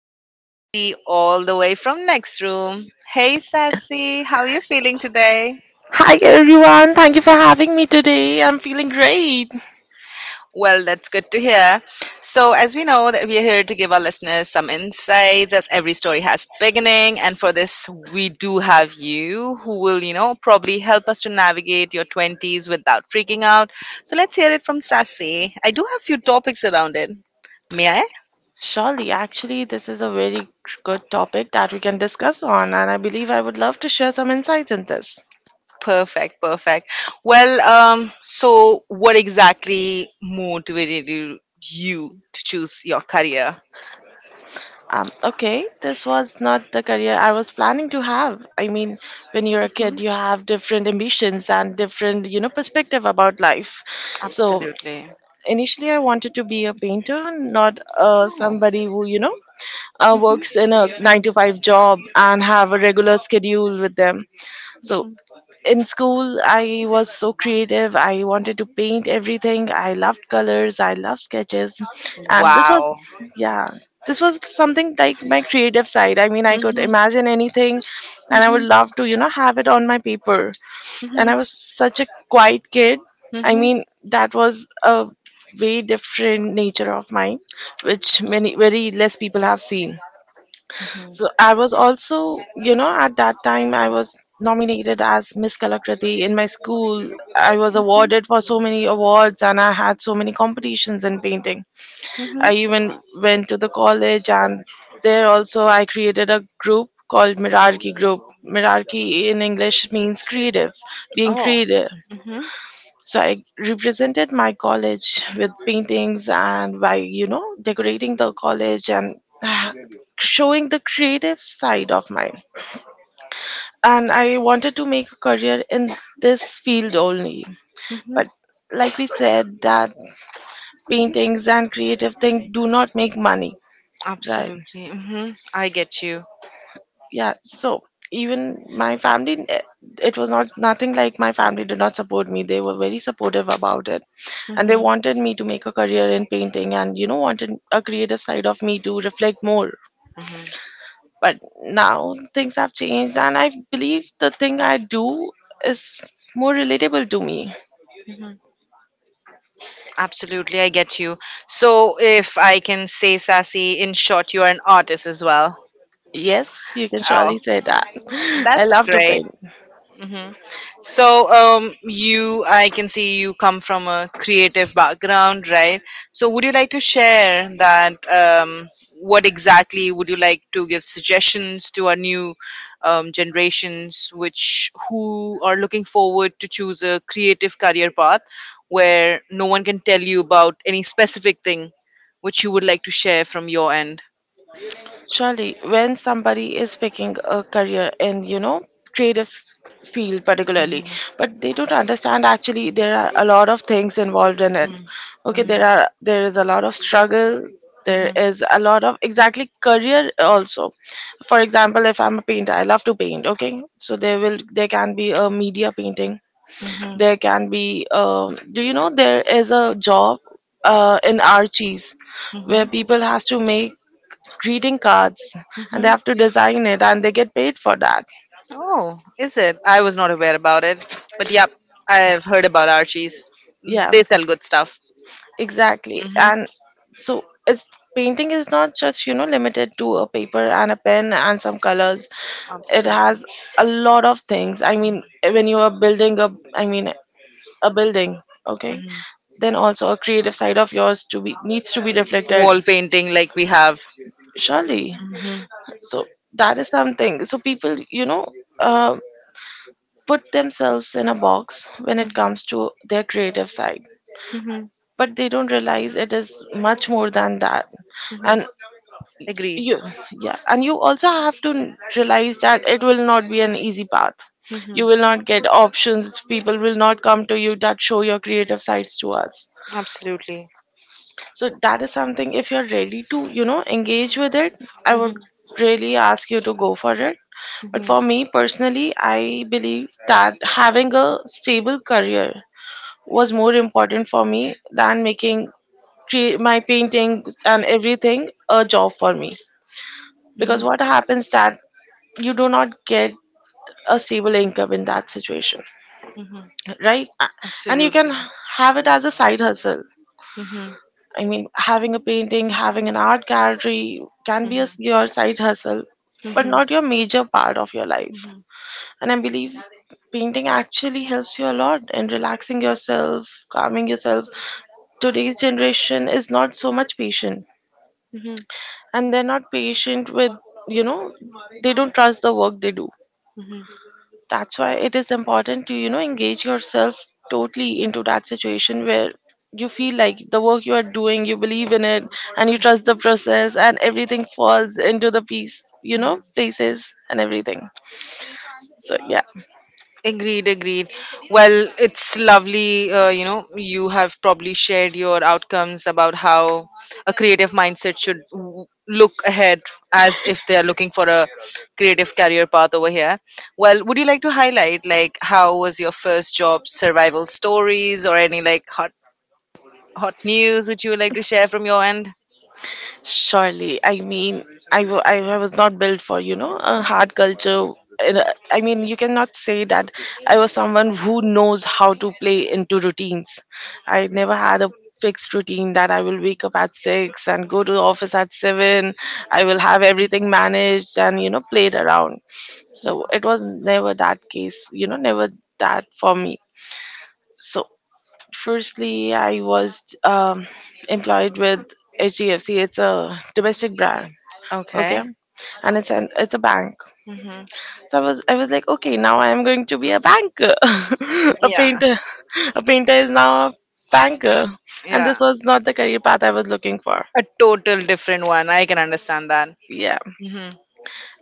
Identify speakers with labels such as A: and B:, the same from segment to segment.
A: my friend Sassy all the way from next room. Hey, Sassy, how are you feeling today?
B: Hi everyone, thank you for having me today. I'm feeling great.
A: Well, that's good to hear. So, as we know that we are here to give our listeners some insights, as every story has beginning, and for this we do have you who will, you know, probably help us to navigate your 20s without freaking out. So, let's hear it from Sassy. I do have few topics around it. May I?
B: Surely, actually, this is a very good topic that we can discuss on, and I believe I would love to share some insights in this.
A: Perfect, perfect. Well, so what exactly motivated you to choose your career?
B: Okay, this was not the career I was planning to have. I mean, when you're a
A: Mhm.
B: kid, you have different ambitions and different, perspective about life. So initially, I wanted to be a painter, not
A: Oh,
B: somebody who, works in a nine to five job and have a regular schedule with them. So in school, I was so creative. I wanted to paint everything. I loved colors, I loved sketches, and this was
A: wow.
B: yeah, this was something like my creative side. I mean, I could
A: Mhm.
B: imagine anything, and I would love to, have it on my paper. And I was such a quiet kid.
A: Mhm.
B: I
A: Mhm.
B: mean, that was a way different nature of mine, which many very less people have seen.
A: Mhm.
B: So I was also, at that
A: was
B: time I was nominated as Miss Kalakriti in my school. I was awarded for so many awards, and I had so many competitions in painting. I
A: I
B: even went to the college, and there also I created a group called Mirarki Group. Mirarki in English means creative, being
A: it.
B: creative.
A: Mhm.
B: So I represented my college with paintings and by, decorating the college, and ah, showing the creative side of mine. And I wanted to make a career in this field only.
A: Mhm.
B: But
A: But
B: like we said that paintings and creative things do not make money, right?
A: Absolutely. Mhm. I get you.
B: Yeah. So even my family, it was not, nothing like my family did not support me. They were very supportive about it, and they wanted me to make a career in painting, and, wanted a creative side of me to reflect more.
A: Mhm.
B: But now things have changed, and I believe the thing I do is more relatable to me.
A: Mhm. Absolutely, I get you. So, if I can say, Sassy, in short, you are an artist as well.
B: Yes, you can
A: Oh,
B: surely say that.
A: I
B: I
A: that's
B: love to
A: great.
B: paint.
A: So, you, I can see you come from a creative background, right? So, would you like to share that? What exactly would you like to give suggestions to our new generations, which who are looking forward to choose a creative career path where no one can tell you about any specific thing, which you would like to share from your end?
B: Surely, when somebody is picking a career in, creative s- field particularly, but they don't understand actually there are a lot of things involved in it.
A: Mhm.
B: Okay,
A: Mhm.
B: there is a lot of struggle. There
A: Mhm.
B: is a lot of exactly career also. For example, if I'm a painter, I love to paint. Okay, so there can be a media painting. There can be, do you know there is a job in Archie's,
A: Mhm.
B: where
A: Mhm.
B: people has to make greeting cards, and
A: Mhm.
B: they have to design it, and they get paid for that.
A: Oh, is it? I was not aware about it. But yep, I've heard about Archie's. Yeah.
B: Yeah,
A: They sell good stuff.
B: exactly.
A: Hmm.
B: And so it's, painting is not just, limited to a paper and a pen and some colors. It has a lot of things. I mean, when you are building a I mean a building. Okay,
A: Hmm.
B: then also a creative side of yours to be needs to be reflected,
A: Wall painting, like we have.
B: surely.
A: Hmm. Hmm.
B: So that is something. So people, uh, put themselves in a box when it comes to
A: Mhm.
B: their creative side, but they don't realize it is much more than that. And
A: Agreed.
B: you Yeah, and you also have to realize that it will not be an easy path.
A: Hmm.
B: You will not get options. People will not come to you that show your creative sides to us.
A: Absolutely.
B: So that is something. If you're ready to, engage with it, I would really ask you to go for it. But for
A: Hmm.
B: me personally, I believe that having a stable career was more important for me than making my painting and everything a job for me.
A: Hmm.
B: Because what happens that you do not get a stable income in that situation, right? And you can
A: Absolutely.
B: have it as a side hustle.
A: Hmm.
B: I mean, having a painting, having an art gallery can be your side hustle, but not your major part of your life.
A: Hmm.
B: And I believe painting actually helps you a lot in relaxing yourself, calming yourself. Today's generation is not so much patient,
A: Hmm.
B: and they're not patient with, you know they don't trust the work they do.
A: Hmm.
B: That's why it is important to, engage yourself totally into that situation where you feel like the work you are doing, you believe in it, and you trust the process, and everything falls into the piece you know places and everything. So yeah.
A: Agreed, agreed. Well, it's lovely. You know, you have probably shared your outcomes about how a creative mindset should look ahead as if they are looking for a creative career path over here. Well, would you like to highlight like how was your first job survival stories or any like hot news which you would like to share from your end?
B: Surely, I mean, I was not built for, a hard culture. And, I mean, you cannot say that I was someone who knows how to play into routines. I never had a fixed routine that I will wake up at 6 and go to the office at 7. I will have everything managed and, played around. So it was never that case, never that for me. So firstly, I was employed with HDFC. It's a domestic brand. Okay,
A: Okay.
B: and it's a bank.
A: Hmm.
B: So I was like, okay, now I am going to be a banker. A
A: Yeah.
B: painter. A painter is now a banker. And
A: Yeah.
B: this was not the career path I was looking for.
A: A total different one. I can understand that.
B: Yeah.
A: Hmm.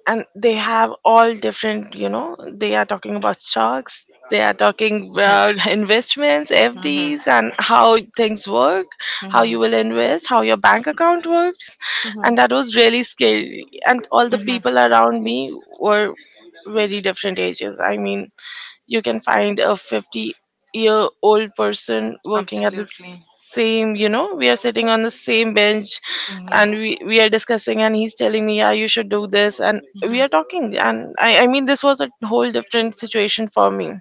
B: And they have all different, you know, they are talking about stocks, they are talking about investments,
A: Mhm,
B: FDs, and how things work, how you
A: mhm,
B: will invest, how your bank account works.
A: mhm,
B: And that was really scary. And all the
A: mhm.
B: people around me were very different ages. I mean, you can find a 50-year-old person working at the
A: Absolutely.
B: same, you know, we are sitting on the same bench. And
A: Mhm,
B: we are discussing, and he's telling me, yeah, you should do this, and we
A: mhm,
B: are talking. And I mean, this was a whole different situation for me.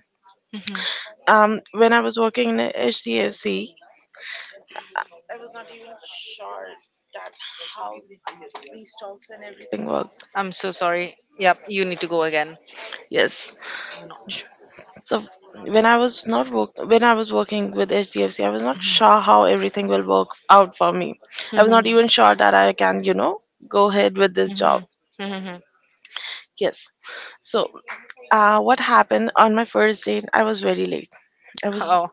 A: mhm.
B: When I was working in a HDFC work.
A: I'm so sorry. Yep, you need to go again.
B: Yes.
A: I'm not sure.
B: So when I was not work when I was working with HDFC, I was not sure how everything will work out for me. I
A: I'm
B: was
A: not
B: not
A: Mm-hmm.
B: even
A: really
B: sure
A: sure
B: that I can, you know,
A: that
B: go
A: I
B: ahead with this job.
A: mhm, mhm, mhm.
B: Yes. So, what happened on my first date? I was very late. I was
A: Oh,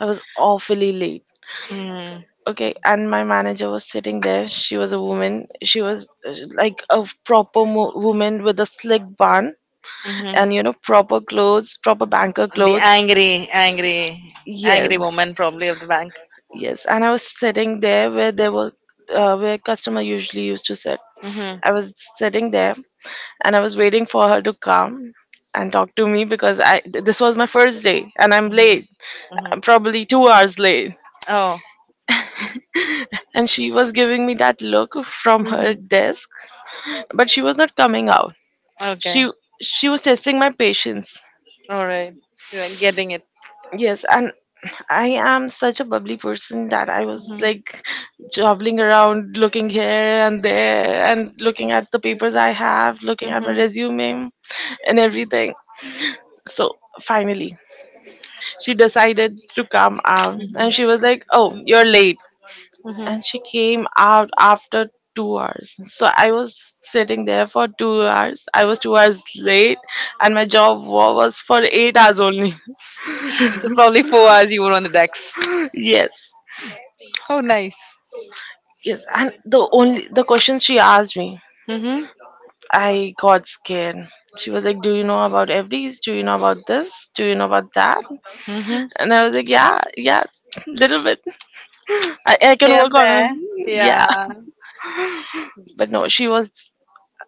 B: I was awfully late.
A: mhm,
B: Okay, and my manager was sitting there. She was a woman. She was like a proper woman with a slick bun and, you
A: mhm.
B: know, proper clothes, proper banker
A: The want,
B: clothes.
A: angry, angry, yes, angry
B: Yes,
A: woman probably of the bank.
B: yes. And I was sitting there where there were, where customer usually used to sit.
A: Mm-hmm.
B: I was sitting there, and I was waiting for her to come and
A: And talk
B: talk to
A: to me
B: me, because
A: because I
B: this
A: this was
B: was my
A: my
B: first
A: first day
B: day
A: and
B: and
A: I'm
B: I'm late.
A: late. Mm-hmm. Mm-hmm.
B: I'm
A: I'm probably
B: probably 2
A: two
B: hours
A: hours late.
B: late.
A: Oh.
B: And she was giving me that look from
A: Probably
B: her
A: mm-hmm.
B: desk, but she was not coming out.
A: Like okay. She
B: She she was testing my patience.
A: all right. So you're getting it.
B: Yes. And I am such a bubbly person that I was
A: Mhm.
B: like jobbling around, looking here and there, and looking at the papers I have, looking at my
A: Mhm.
B: resume and everything. So finally, she decided to come out,
A: Mhm.
B: and she was like, oh, you're late.
A: Mhm.
B: And she came out after 2 hours. So I was sitting there for 2 hours. I was 2 hours late. And my job was for 8 hours only.
A: So probably 4 hours you were on the decks.
B: Yes.
A: Oh, nice.
B: Yes and the only the questions she asked me,
A: Mhm.
B: I got scared. She was like, do you know about FDs? Do you know about this? Do you know about that?
A: Mhm.
B: And I was like, yeah, yeah, little bit. I can
A: Hey,
B: work on it.
A: there.
B: Yeah.
A: Yeah.
B: But no, she was,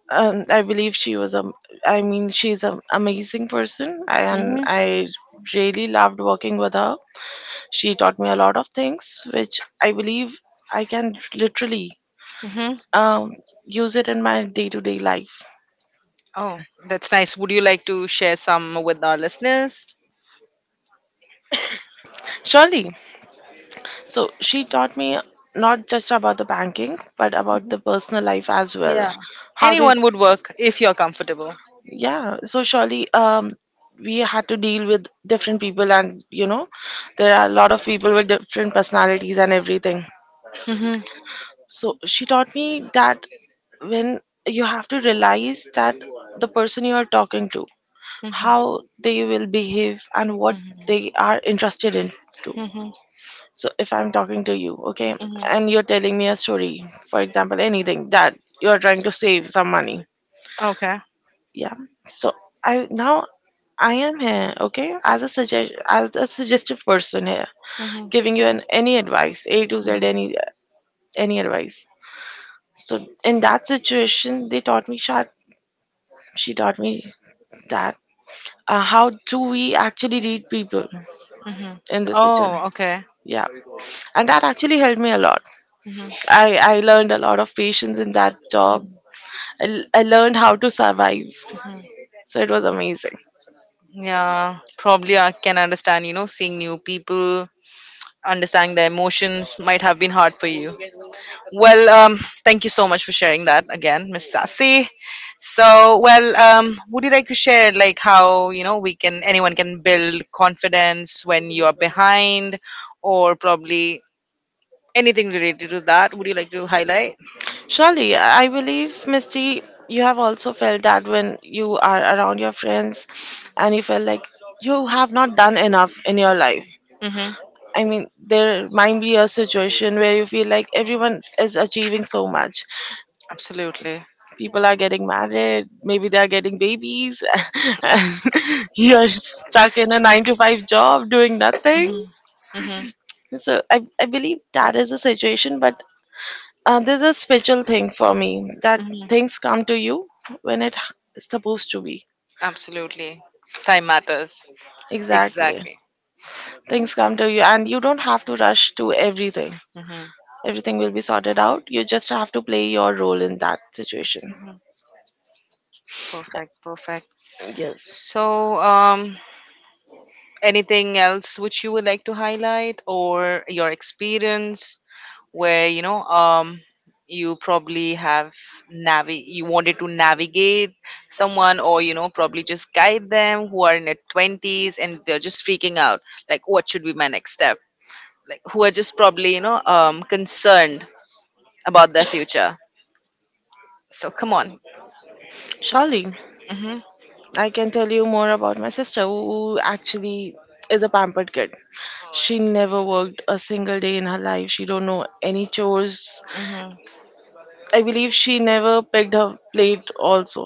B: I believe she was a. I mean, she's an amazing person, and
A: Mhm.
B: I really loved working with her. She taught me a lot of things, which I believe I can literally,
A: Mhm.
B: um, use it in my day to day life.
A: Oh, that's nice. Would you like to share some with our listeners?
B: Surely, so she taught me not just about the banking, but about the
A: Mhm.
B: personal life as
A: Yeah.
B: well. How to,
A: Anyone would work if you're comfortable.
B: yeah. So surely, we had to deal with different people. And, you know, there are a lot of people with different personalities and everything.
A: Mhm.
B: So she taught me that when you have to realize that the person you are talking to,
A: Mhm.
B: how they
A: Hmm.
B: will behave and what they are interested in too.
A: Hmm. Hmm.
B: So if I'm talking to you, okay, and you're telling me a story, for example, anything that you're trying to save some money.
A: Okay.
B: Yeah. So I now I am here, okay, as a suggestive person here,
A: Hmm. Hmm.
B: giving you
A: Hmm.
B: an any advice, A to Z, any advice. So in that situation, they taught me shot. She taught me that, how do we actually read people in this situation?
A: Oh, okay.
B: Yeah, and that actually helped me a lot.
A: Hmm.
B: I learned a lot of patience in that job. I learned how to survive. So it was amazing.
A: Yeah, probably I can understand, you know, seeing new people, understanding their emotions might have been hard for you. Well, thank you so much for sharing that again, Miss Sassy. So, well, would you like to share like how, you know, we can anyone can build confidence when you are behind or probably anything related to that would you like to highlight?
B: Surely, I believe, Misty, you have also felt that when you are around your friends, and you feel like you have not done enough in your life.
A: Mm-hmm.
B: I mean, there might be a situation where you feel like everyone is achieving so much.
A: Absolutely.
B: People are getting married, maybe they are getting babies, and you're stuck in a nine to five job doing nothing.
A: Mm-hmm. Mm-hmm.
B: So I believe that is a situation, but there's a spiritual thing for me that
A: Hmm.
B: things come to you when it is supposed to be.
A: Absolutely. Time matters. Exactly.
B: Exactly.
A: Exactly.
B: Things come to you, and you don't have to rush to everything
A: Mm-hmm.
B: everything Will be sorted out. You just have to play your role in that situation.
A: Perfect. Perfect.
B: Yes.
A: So, anything else which you would like to highlight or your experience where you know you probably have navi you wanted to navigate someone or you know probably just guide them who are in their 20s and they're just freaking out like what should be my next step like who are just probably you know concerned about their future so come on
B: Surely,
A: mm-hmm,
B: I can tell you more about my sister who actually is a pampered kid. She never worked a single day in her life. She don't know any chores.
A: mm-hmm.
B: I believe she never picked her plate also.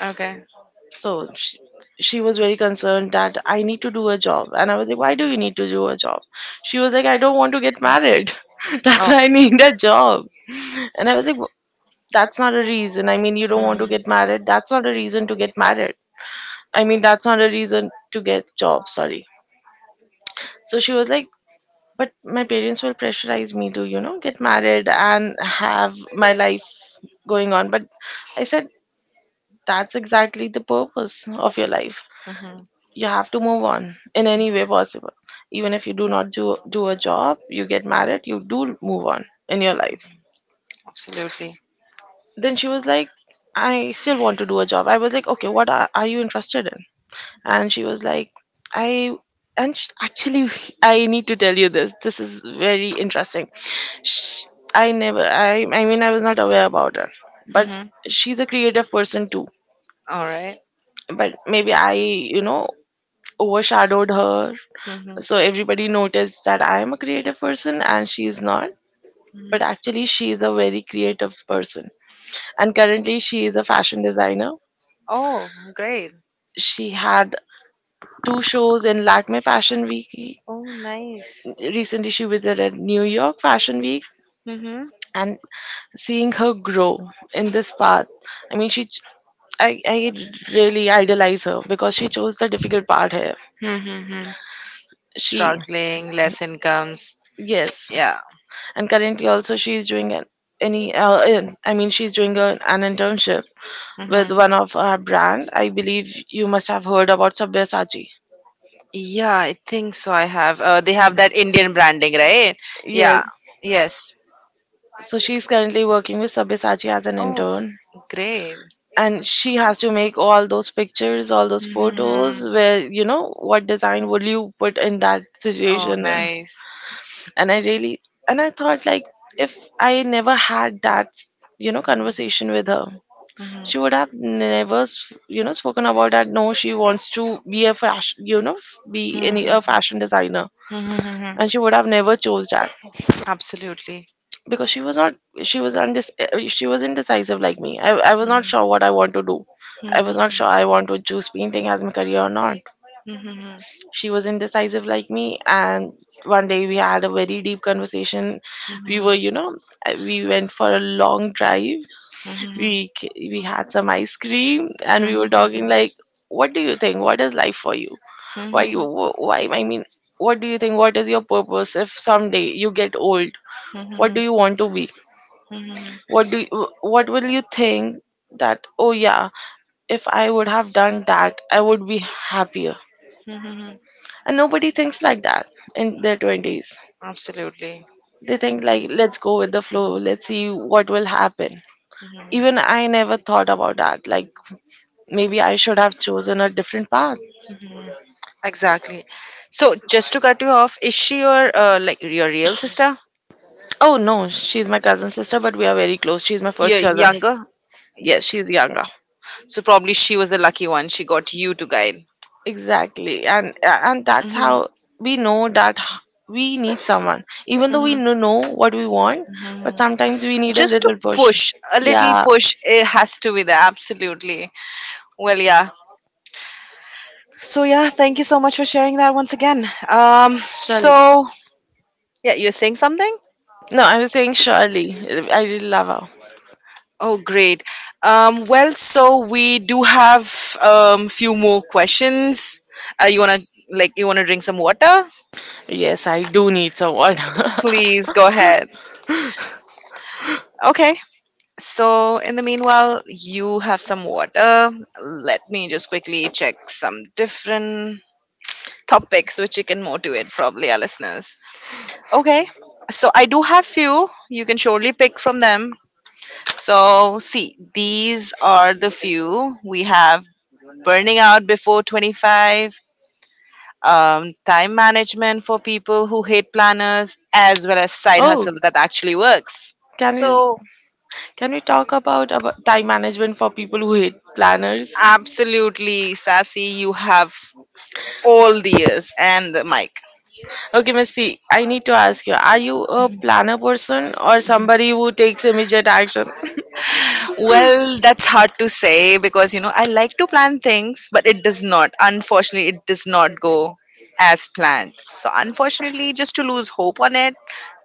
A: Okay.
B: So she, she was very concerned that I need to do a job. And I was like, why do you need to do a job? She was like, I don't want to get married. That's
A: That's
B: why I
A: oh.
B: need a job. And I was like, That's not a reason. I mean, you don't want to get married. That's not a reason to get married. I mean, that's not a reason to get job. Sorry." So she was like, but my parents will pressurize me to, you know, get married and have my life going on. But I said, that's exactly the purpose of your life.
A: Mm-hmm,
B: You have to move on in any way possible. Even if you do not do a job, you get married, you do move on in your life.
A: absolutely.
B: Then she was like, I still want to do a job. I was like, okay, what are you interested in? And she was like, I and sh actually, I need to tell you this. This is very interesting. Sh I never I I mean I was not aware about her, but
A: Mhm.
B: she's a creative person too.
A: All right.
B: But maybe I, you know, overshadowed her.
A: Mm-hmm.
B: So everybody noticed that I am a creative person and she is not, but actually she is a very creative person, and currently she is a fashion designer.
A: Oh, great.
B: She had two shows in Lakme Fashion Week.
A: Oh, nice.
B: Recently, she visited New York Fashion Week,
A: Mm-hmm.
B: and seeing her grow in this path. I mean, she, ch- I really idolize her because she chose the difficult part here.
A: Mm-hmm.
B: She,
A: Struggling, less incomes.
B: yes.
A: Yeah.
B: And currently, also, she's doing an any in- I mean she's doing a, an internship with
A: Mm-hmm.
B: one of our brand. I believe you must have heard about Sabyasachi.
A: Yeah, I think so. I have. They have that Indian branding, right?
B: Yes,
A: Yeah. Yes.
B: so she's currently working with Sabyasachi as an
A: Oh,
B: intern,
A: great.
B: and she has to make all those pictures, all those photos
A: Mm-hmm.
B: where, you know, what design would you put in that
A: Oh,
B: situation. And
A: nice.
B: I really, and I thought like, if I never had that, you know, conversation with her,
A: Mm-hmm.
B: she would have never s- you know, spoken about that. No, she wants to be a fashion, you know, f- be any a
A: Hmm.
B: fashion designer,
A: Hmm.
B: and she would have never chose that
A: Absolutely.
B: because
A: Mhm, mhm,
B: she was
A: mhm,
B: indecisive like me. I was not sure what I want to do. I was not sure I want to choose painting as my career or not.
A: hmm,
B: She was indecisive like me, and one day we had a very deep conversation. We were, you know, we went for a long drive.
A: hmm,
B: We had some ice cream and we were
A: hmm.
B: talking like, what do you think, what is life for you? Why you
A: Mhm,
B: wh- why I mean What do you think, what is your purpose? If someday you get old,
A: mhm,
B: what do you want to be?
A: mhm,
B: What will you think that, oh yeah, if I would have done that I would be happier.
A: mhm.
B: And nobody thinks like that in their 20s.
A: Absolutely.
B: They think like, let's go with the flow, let's see what will happen.
A: Mhm.
B: Even I never thought about that, like maybe I should have chosen a different path.
A: Mhm. Exactly. So, just to cut you off, is she your like your real sister?
B: Oh no, she's my cousin sister, but we are very close. She's my
A: Your
B: first
A: year.
B: cousin.
A: Younger?
B: Yes, she's younger.
A: So probably she was a lucky one. She got you to guide.
B: Exactly, and that's
A: Mhm,
B: how we know that, we need someone, even though we
A: mhm,
B: know what we want, but
A: mhm.
B: sometimes we need a
A: Just to
B: little
A: little
B: push.
A: push. Push, a push. Little yeah.
B: Yeah,
A: Push, it has to be there. Absolutely. Well, yeah. So yeah, thank you so much for sharing that once again. Um,
B: surely.
A: so yeah, you're saying something?
B: No, I was saying surely. I really love her.
A: Oh, great. Well, so we do have few more questions. You wanna like you wanna drink some water?
B: Yes, I do need someone.
A: Please go ahead. Okay. So in the meanwhile, you have some water. Let me just quickly check some different topics which you can motivate probably our listeners. Okay. So I do have few. You can surely pick from them. So, see, these are the few we have burning out before 25, time management for people who hate planners, as well as side
B: Oh,
A: hustle that actually works.
B: can we,
A: So,
B: can we talk about time management for people who hate planners?
A: absolutely, Sassy, you have all the ears and the mic.
B: Okay, Misty, I need to ask you, are you a planner person or somebody who takes immediate action?
A: Well, that's hard to say because you know I like to plan things, but it does not. Unfortunately, it does not go as planned. So unfortunately, just to lose hope on it,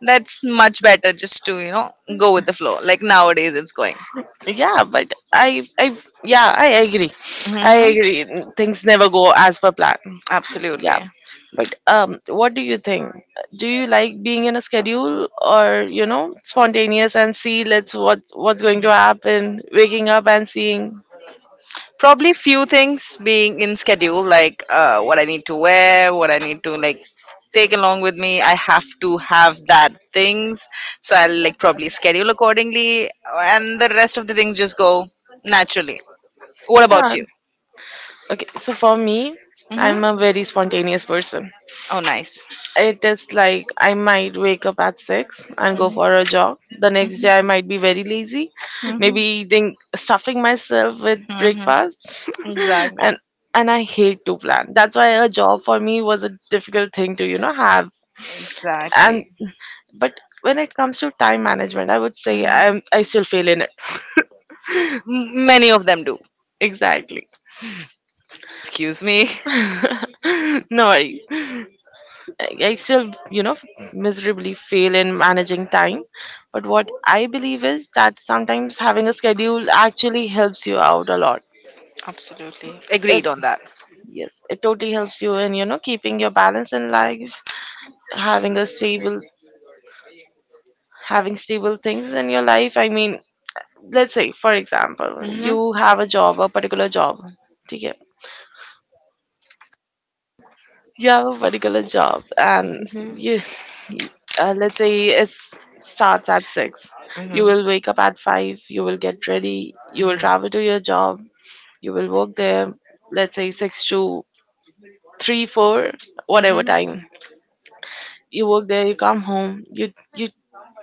A: that's much better just to you know go with the flow. Like nowadays, it's going.
B: Yeah, but I agree. I, yeah,
A: Hmm.
B: agree. Things never go as per plan. Yeah.
A: Absolutely.
B: But what do you think? Do you like being in a schedule or, you know, spontaneous and see let's what what's going to happen, waking up and seeing?
A: Probably few things being in schedule like what I need to wear what I need to like take along with me I have to have that things, so I'll like probably schedule accordingly, and the rest of the things just go naturally. What about
B: Yeah.
A: you?
B: Okay, so for me, I'm
A: Hmm.
B: a very spontaneous person.
A: Oh nice.
B: It is like I might wake up at 6 and go for a jog. The next day, I might be very lazy,
A: Hmm.
B: maybe eating, stuffing myself with
A: Hmm.
B: breakfast.
A: Exactly.
B: and and I hate to plan. That's why a job for me was a difficult thing to, you know, have. And
A: Exactly.
B: but when it comes to time management, I would say
A: Mhm.
B: I still fail in it.
A: M- many of them do.
B: Exactly.
A: Excuse me
B: No worries. I still, you know, miserably fail in managing time. But what I believe is that sometimes having a schedule actually helps you out a lot.
A: Absolutely,
B: It,
A: agreed on that.
B: yes, it totally helps you in, you know, keeping your balance in life, having a stable, having stable things in your life. I mean, let's say, for example, you have a job, a particular job. ठीक है? You have a particular job, and
A: Hmm.
B: you
A: Mm-hmm.
B: let's say it starts at 6.
A: Mm-hmm. Mm-hmm.
B: You
A: Mm-hmm. Mm-hmm.
B: will wake up at 5, you will get ready, you will travel to your job. You will work there, let's say 6 to 3 4, whatever time. You work there, you come home, you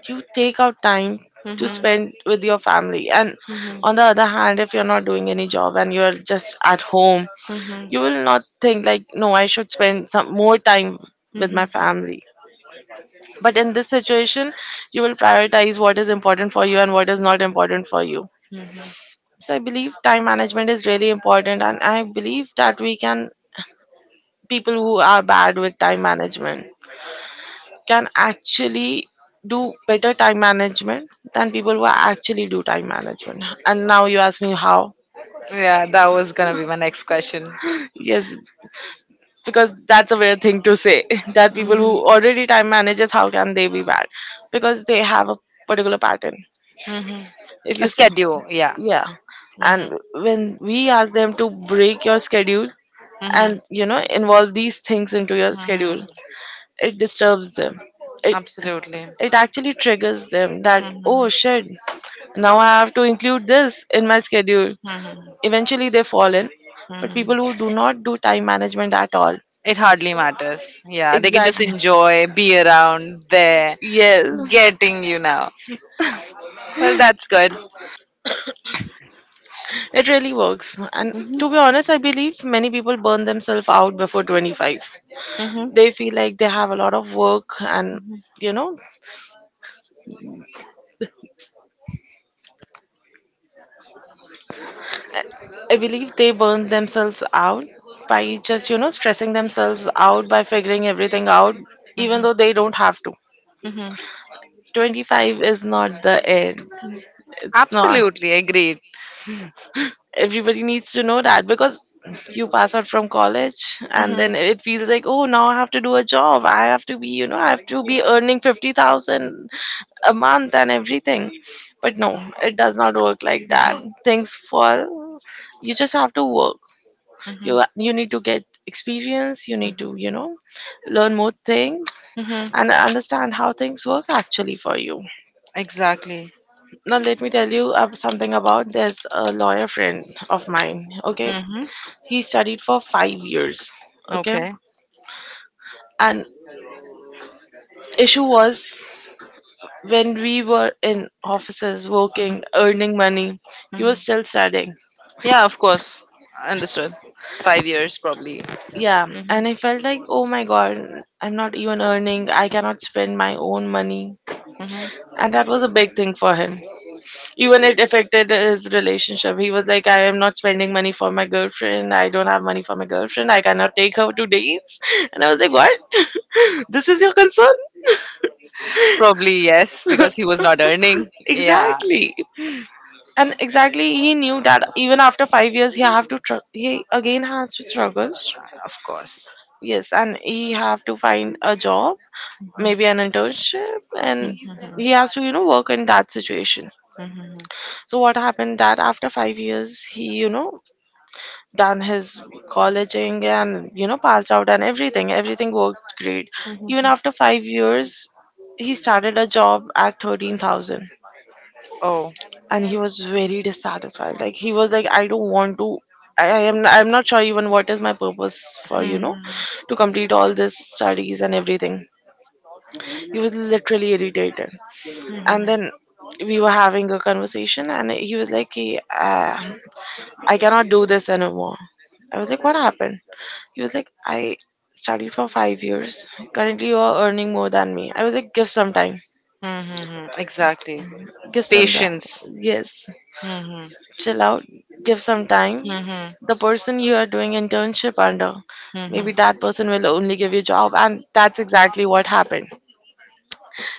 B: you take out time
A: You.
B: to spend with your family. And
A: Mhm.
B: on the other hand, if you're not doing any job and you're just at home,
A: Mhm.
B: you
A: Not
B: will not think like, no, I should spend some more time with my family. But in this situation, you will prioritize what is important for you and what is not important for you.
A: family. Mhm.
B: So I believe time management is really important, and I believe that we can, people who are bad with time management, can actually do better time management than people who actually do time management. And now you ask me how.
A: Yeah, that was gonna be my next question.
B: Yes, because that's a weird thing to say that people who already time managers, how can they be bad? Because they have a particular pattern.
A: Mhm.
B: If you
A: A
B: s-
A: schedule, yeah.
B: Yeah,
A: Hmm.
B: and when we ask them to break your schedule,
A: Hmm.
B: and you know, involve these things into your
A: Hmm.
B: schedule, it disturbs them. it
A: Absolutely.
B: it actually triggers them that, oh shit, now I have to include this in my schedule.
A: Hmm.
B: Eventually they fall in.
A: Hmm.
B: But people who do
A: Hmm.
B: not do time management at all,
A: It hardly matters. Yeah, they can just
B: exactly,
A: enjoy, be around, there,
B: yes.
A: getting you now. Well, that's good.
B: It really works. And to
A: Mhm,
B: be honest, I believe many people burn themselves out before 25.
A: mhm,
B: They feel like they have a lot of work, and
A: mhm,
B: you know, I I believe they burn themselves out by just, you know, stressing themselves out by figuring everything out, even
A: mhm,
B: though they don't have to.
A: mhm.
B: 25 is not the end. It's not.
A: Absolutely agreed.
B: Everybody needs to know that, because you pass out from college and
A: Mhm,
B: then it feels like, oh, now I have to do a job. I have to be, you know, I have to be earning 50,000 a month and everything. But no, it does not work like that. Things fall. You just have to work.
A: mhm,
B: You need to get experience. You need to, you know, learn more things
A: mhm.
B: and understand how things work actually for you.
A: Exactly.
B: Now let me tell you something about this lawyer friend of mine. Okay,
A: Hmm.
B: he studied for 5 years. Okay,
A: Okay.
B: and issue was, when we were in offices working, earning money, he
A: Mhm.
B: was still studying.
A: Yeah, of course. Understood. 5 years, probably.
B: Yeah,
A: Mhm,
B: and I felt like, oh my god, I'm not even earning. I cannot spend my own money.
A: mhm.
B: And that was a big thing for him. Even it affected his relationship. He was like, I am not spending money for my girlfriend. I don't have money for my girlfriend. I cannot take her to dates. And I was like, what? This is your concern?
A: Probably yes, because he was not earning. Yeah,
B: Exactly. And exactly, he knew that even after 5 years, he have to he again has to struggle.
A: of course.
B: Yes, and he have to find a job, maybe an
A: Mhm.
B: internship, and he has to work in that situation.
A: Mhm.
B: So what happened that after 5 years he, done his colleging and passed out and everything worked great.
A: Mhm.
B: Even after 5 years, he started a job at 13,000,
A: Oh,
B: and he was very dissatisfied. Like, he was like, I don't want to. I'm not sure even what is my purpose for,
A: mhm.
B: to complete all this studies and everything. He was literally irritated. And then we were having a conversation and he was like, "Hey, I cannot do this anymore." I was like, what happened? He was like, I studied for 5 years. Currently you are earning more than me. I was like, give some time.
A: Mhm. Exactly.
B: Give some time.
A: Patience.
B: Yes,
A: Mhm.
B: chill out. Give some time.
A: Mhm.
B: The person you are doing internship under, maybe
A: Mhm.
B: that person will only give you job. And that's exactly what happened.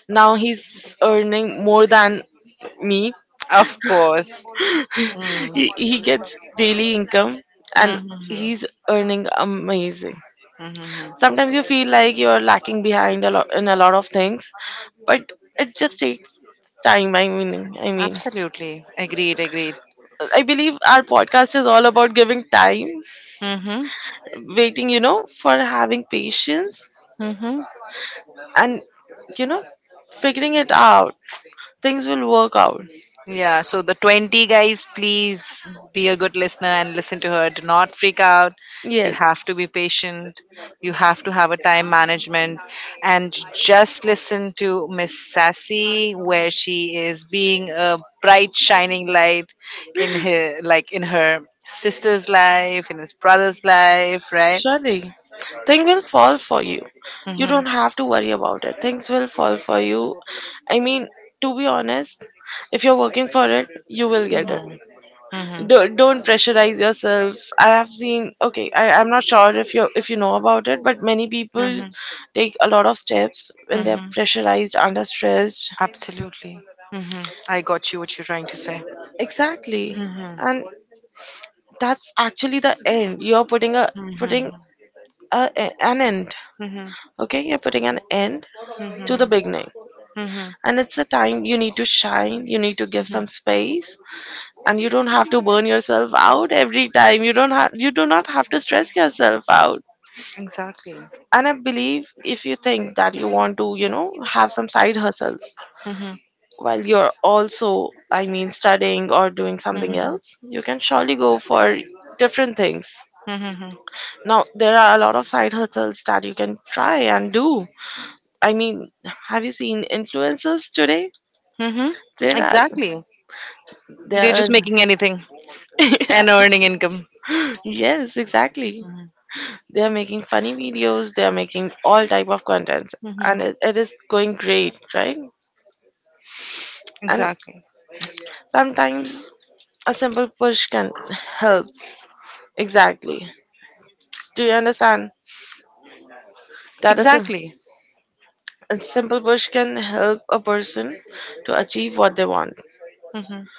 B: Now he's earning more than me.
A: Of course. Mm.
B: He gets daily income, and
A: Hmm.
B: he's earning amazing. Sometimes you
A: Hmm.
B: feel like you're lacking behind a lot in a lot of things, but it just takes time. I mean,
A: Absolutely. Agreed, agreed.
B: I believe our podcast is all about giving time,
A: Mm-hmm.
B: waiting, for having patience,
A: Mm-hmm.
B: and you know figuring it out. Things will work out.
A: Yeah, so the 20 guys, please be a good listener and listen to her. Do not freak out. You
B: Yes.
A: have to be patient. You have to have a time management. And just listen to Miss Sassy, where she is being a bright, shining light in her, like in her sister's life, in his brother's life, right?
B: Surely, things will fall for you. You don't
A: Mm-hmm.
B: have to worry about it. Things will fall for you. I mean, to be honest, if you're working for it, you will get it.
A: Mm-hmm.
B: Don't pressurize yourself. I have seen. Okay, I'm not sure if you know about it, but many people
A: Mm-hmm.
B: take a lot of steps when they're
A: Mm-hmm.
B: pressurized, under stressed.
A: Absolutely. Mm-hmm. I got you what you're trying to say.
B: Exactly,
A: Mm-hmm.
B: and that's actually the end. You're putting a putting
A: Mhm.
B: a, an end.
A: Mhm.
B: Okay, you're putting an end
A: Mhm.
B: to the beginning.
A: Mhm.
B: And it's the time you need to shine, you need to give some
A: Mhm.
B: space, and you don't have to burn yourself out every time. You do not have to stress yourself out.
A: Exactly.
B: And I believe if you think that you want to, you know, have some side hustles
A: Mhm.
B: while you're also,
A: Are
B: I mean,
A: you.
B: studying or doing something
A: Mhm.
B: else, you can surely go for different things.
A: Mhm.
B: Now, there are a lot of side hustles that you can try and do. I mean, have you seen influencers today?
A: Mhm.
B: There are
A: Exactly.
B: not.
A: They're yeah just
B: They're
A: making anything and earning income.
B: yes, exactly.
A: Mhm.
B: They are making funny videos. They are making all type of contents,
A: Mhm.
B: and it is going great, right? And
A: Exactly. That
B: sometimes a simple push can help. Exactly. Do you understand
A: is
B: that
A: exactly.
B: a simple push can help a person to achieve what they want?
A: Mhm.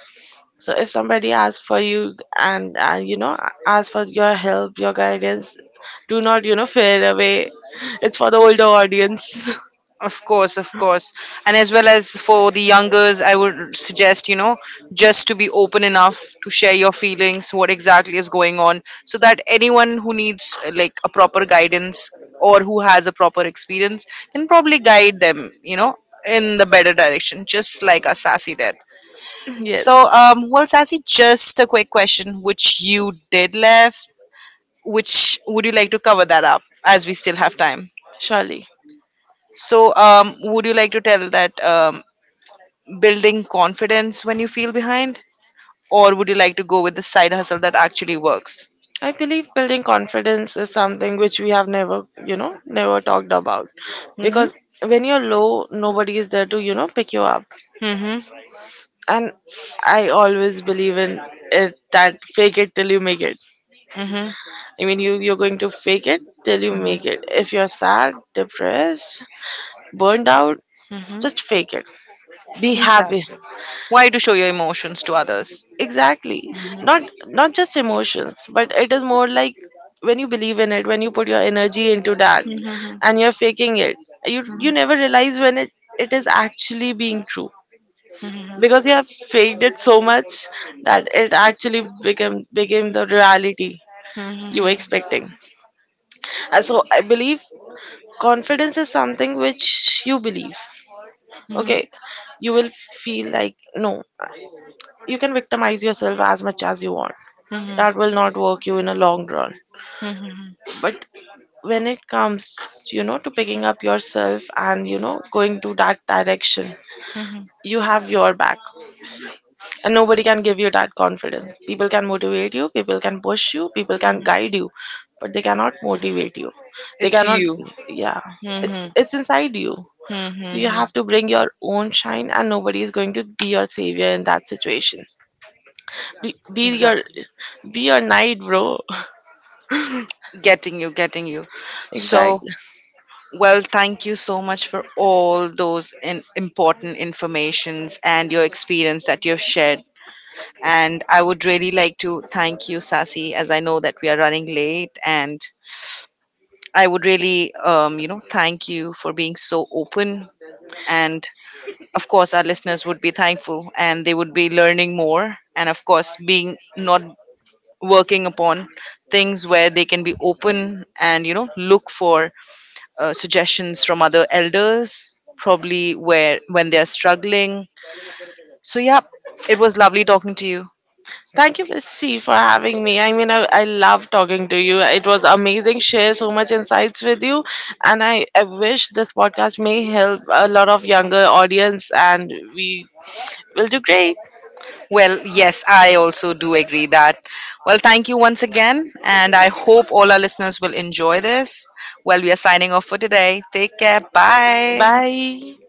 B: So if somebody asks for you and asks for your help, your guidance, do not fade away. It's for the older audience.
A: Of course, of course. And as well as for the youngers, I would suggest, you know, just to be open enough to share your feelings, what exactly is going on, so that anyone who needs like a proper guidance or who has a proper experience can probably guide them, you know, in the better direction, just like a Sassy did.
B: Yes,
A: So, well, Sassy, just a quick question which you did left, which would you like to cover that up as we still have time?
B: surely.
A: So, would you like to tell that building confidence when you feel behind? Or would you like to go with the side hustle that actually works?
B: I believe building confidence is something which we have never, you know, never talked about.
A: Mm-hmm.
B: Because when you're low, nobody is there to, you know, pick you up.
A: Mm-hmm.
B: And I always believe in it that fake it till you make it.
A: Mm-hmm. Mhm.
B: I mean, you're going to fake it till you make it. If you're sad, depressed, burned out,
A: Mhm.
B: just fake it. Be happy.
A: Exactly. Why to show your emotions to others?
B: Exactly.
A: Mhm.
B: Not,
A: Mhm.
B: not just emotions, but it is more like when you believe in it, when you put your energy into that
A: Mhm. Mhm.
B: and you're faking it, you never realize when it is actually being true, because you have faked it so much that it actually became the reality you were expecting. And so I believe confidence is something which you believe. Okay, you will feel like no, you can victimize yourself as much as you want. That will not work you in a long run.
A: Mhm.
B: But when it comes, you know, to picking up yourself and you know going to that direction,
A: Mhm.
B: you have your back. And nobody can give you that confidence. People can motivate you, people can push you, people can guide you, but they cannot motivate you. They
A: It's
B: cannot.
A: you.
B: Yeah, it's
A: Mm-hmm.
B: it's inside you. So you
A: Hmm.
B: have to bring your own shine, and nobody is going to be your savior in that situation. Be, be your
A: Exactly.
B: be your night, bro.
A: Getting you, getting you. So,
B: Exactly.
A: well, thank you so much for all those in, important informations and your experience that you've shared. And I would really like to thank you, Sasi, as I know that we are running late. And I would really, you know, thank you for being so open. And of course, our listeners would be thankful and they would be learning more. And of course, being not working upon things where they can be open and you know look for suggestions from other elders probably where when they are struggling. So yeah, it was lovely talking to you.
B: Thank you, Miss C, for having me. I mean, I love talking to you. It was amazing. Share so much insights with you, and I wish this podcast may help a lot of younger audience, and we will do great.
A: Well yes I also do agree that, well thank you once again and I hope all our listeners will enjoy this. Well we are signing off for today. Take care. Bye.
B: Bye.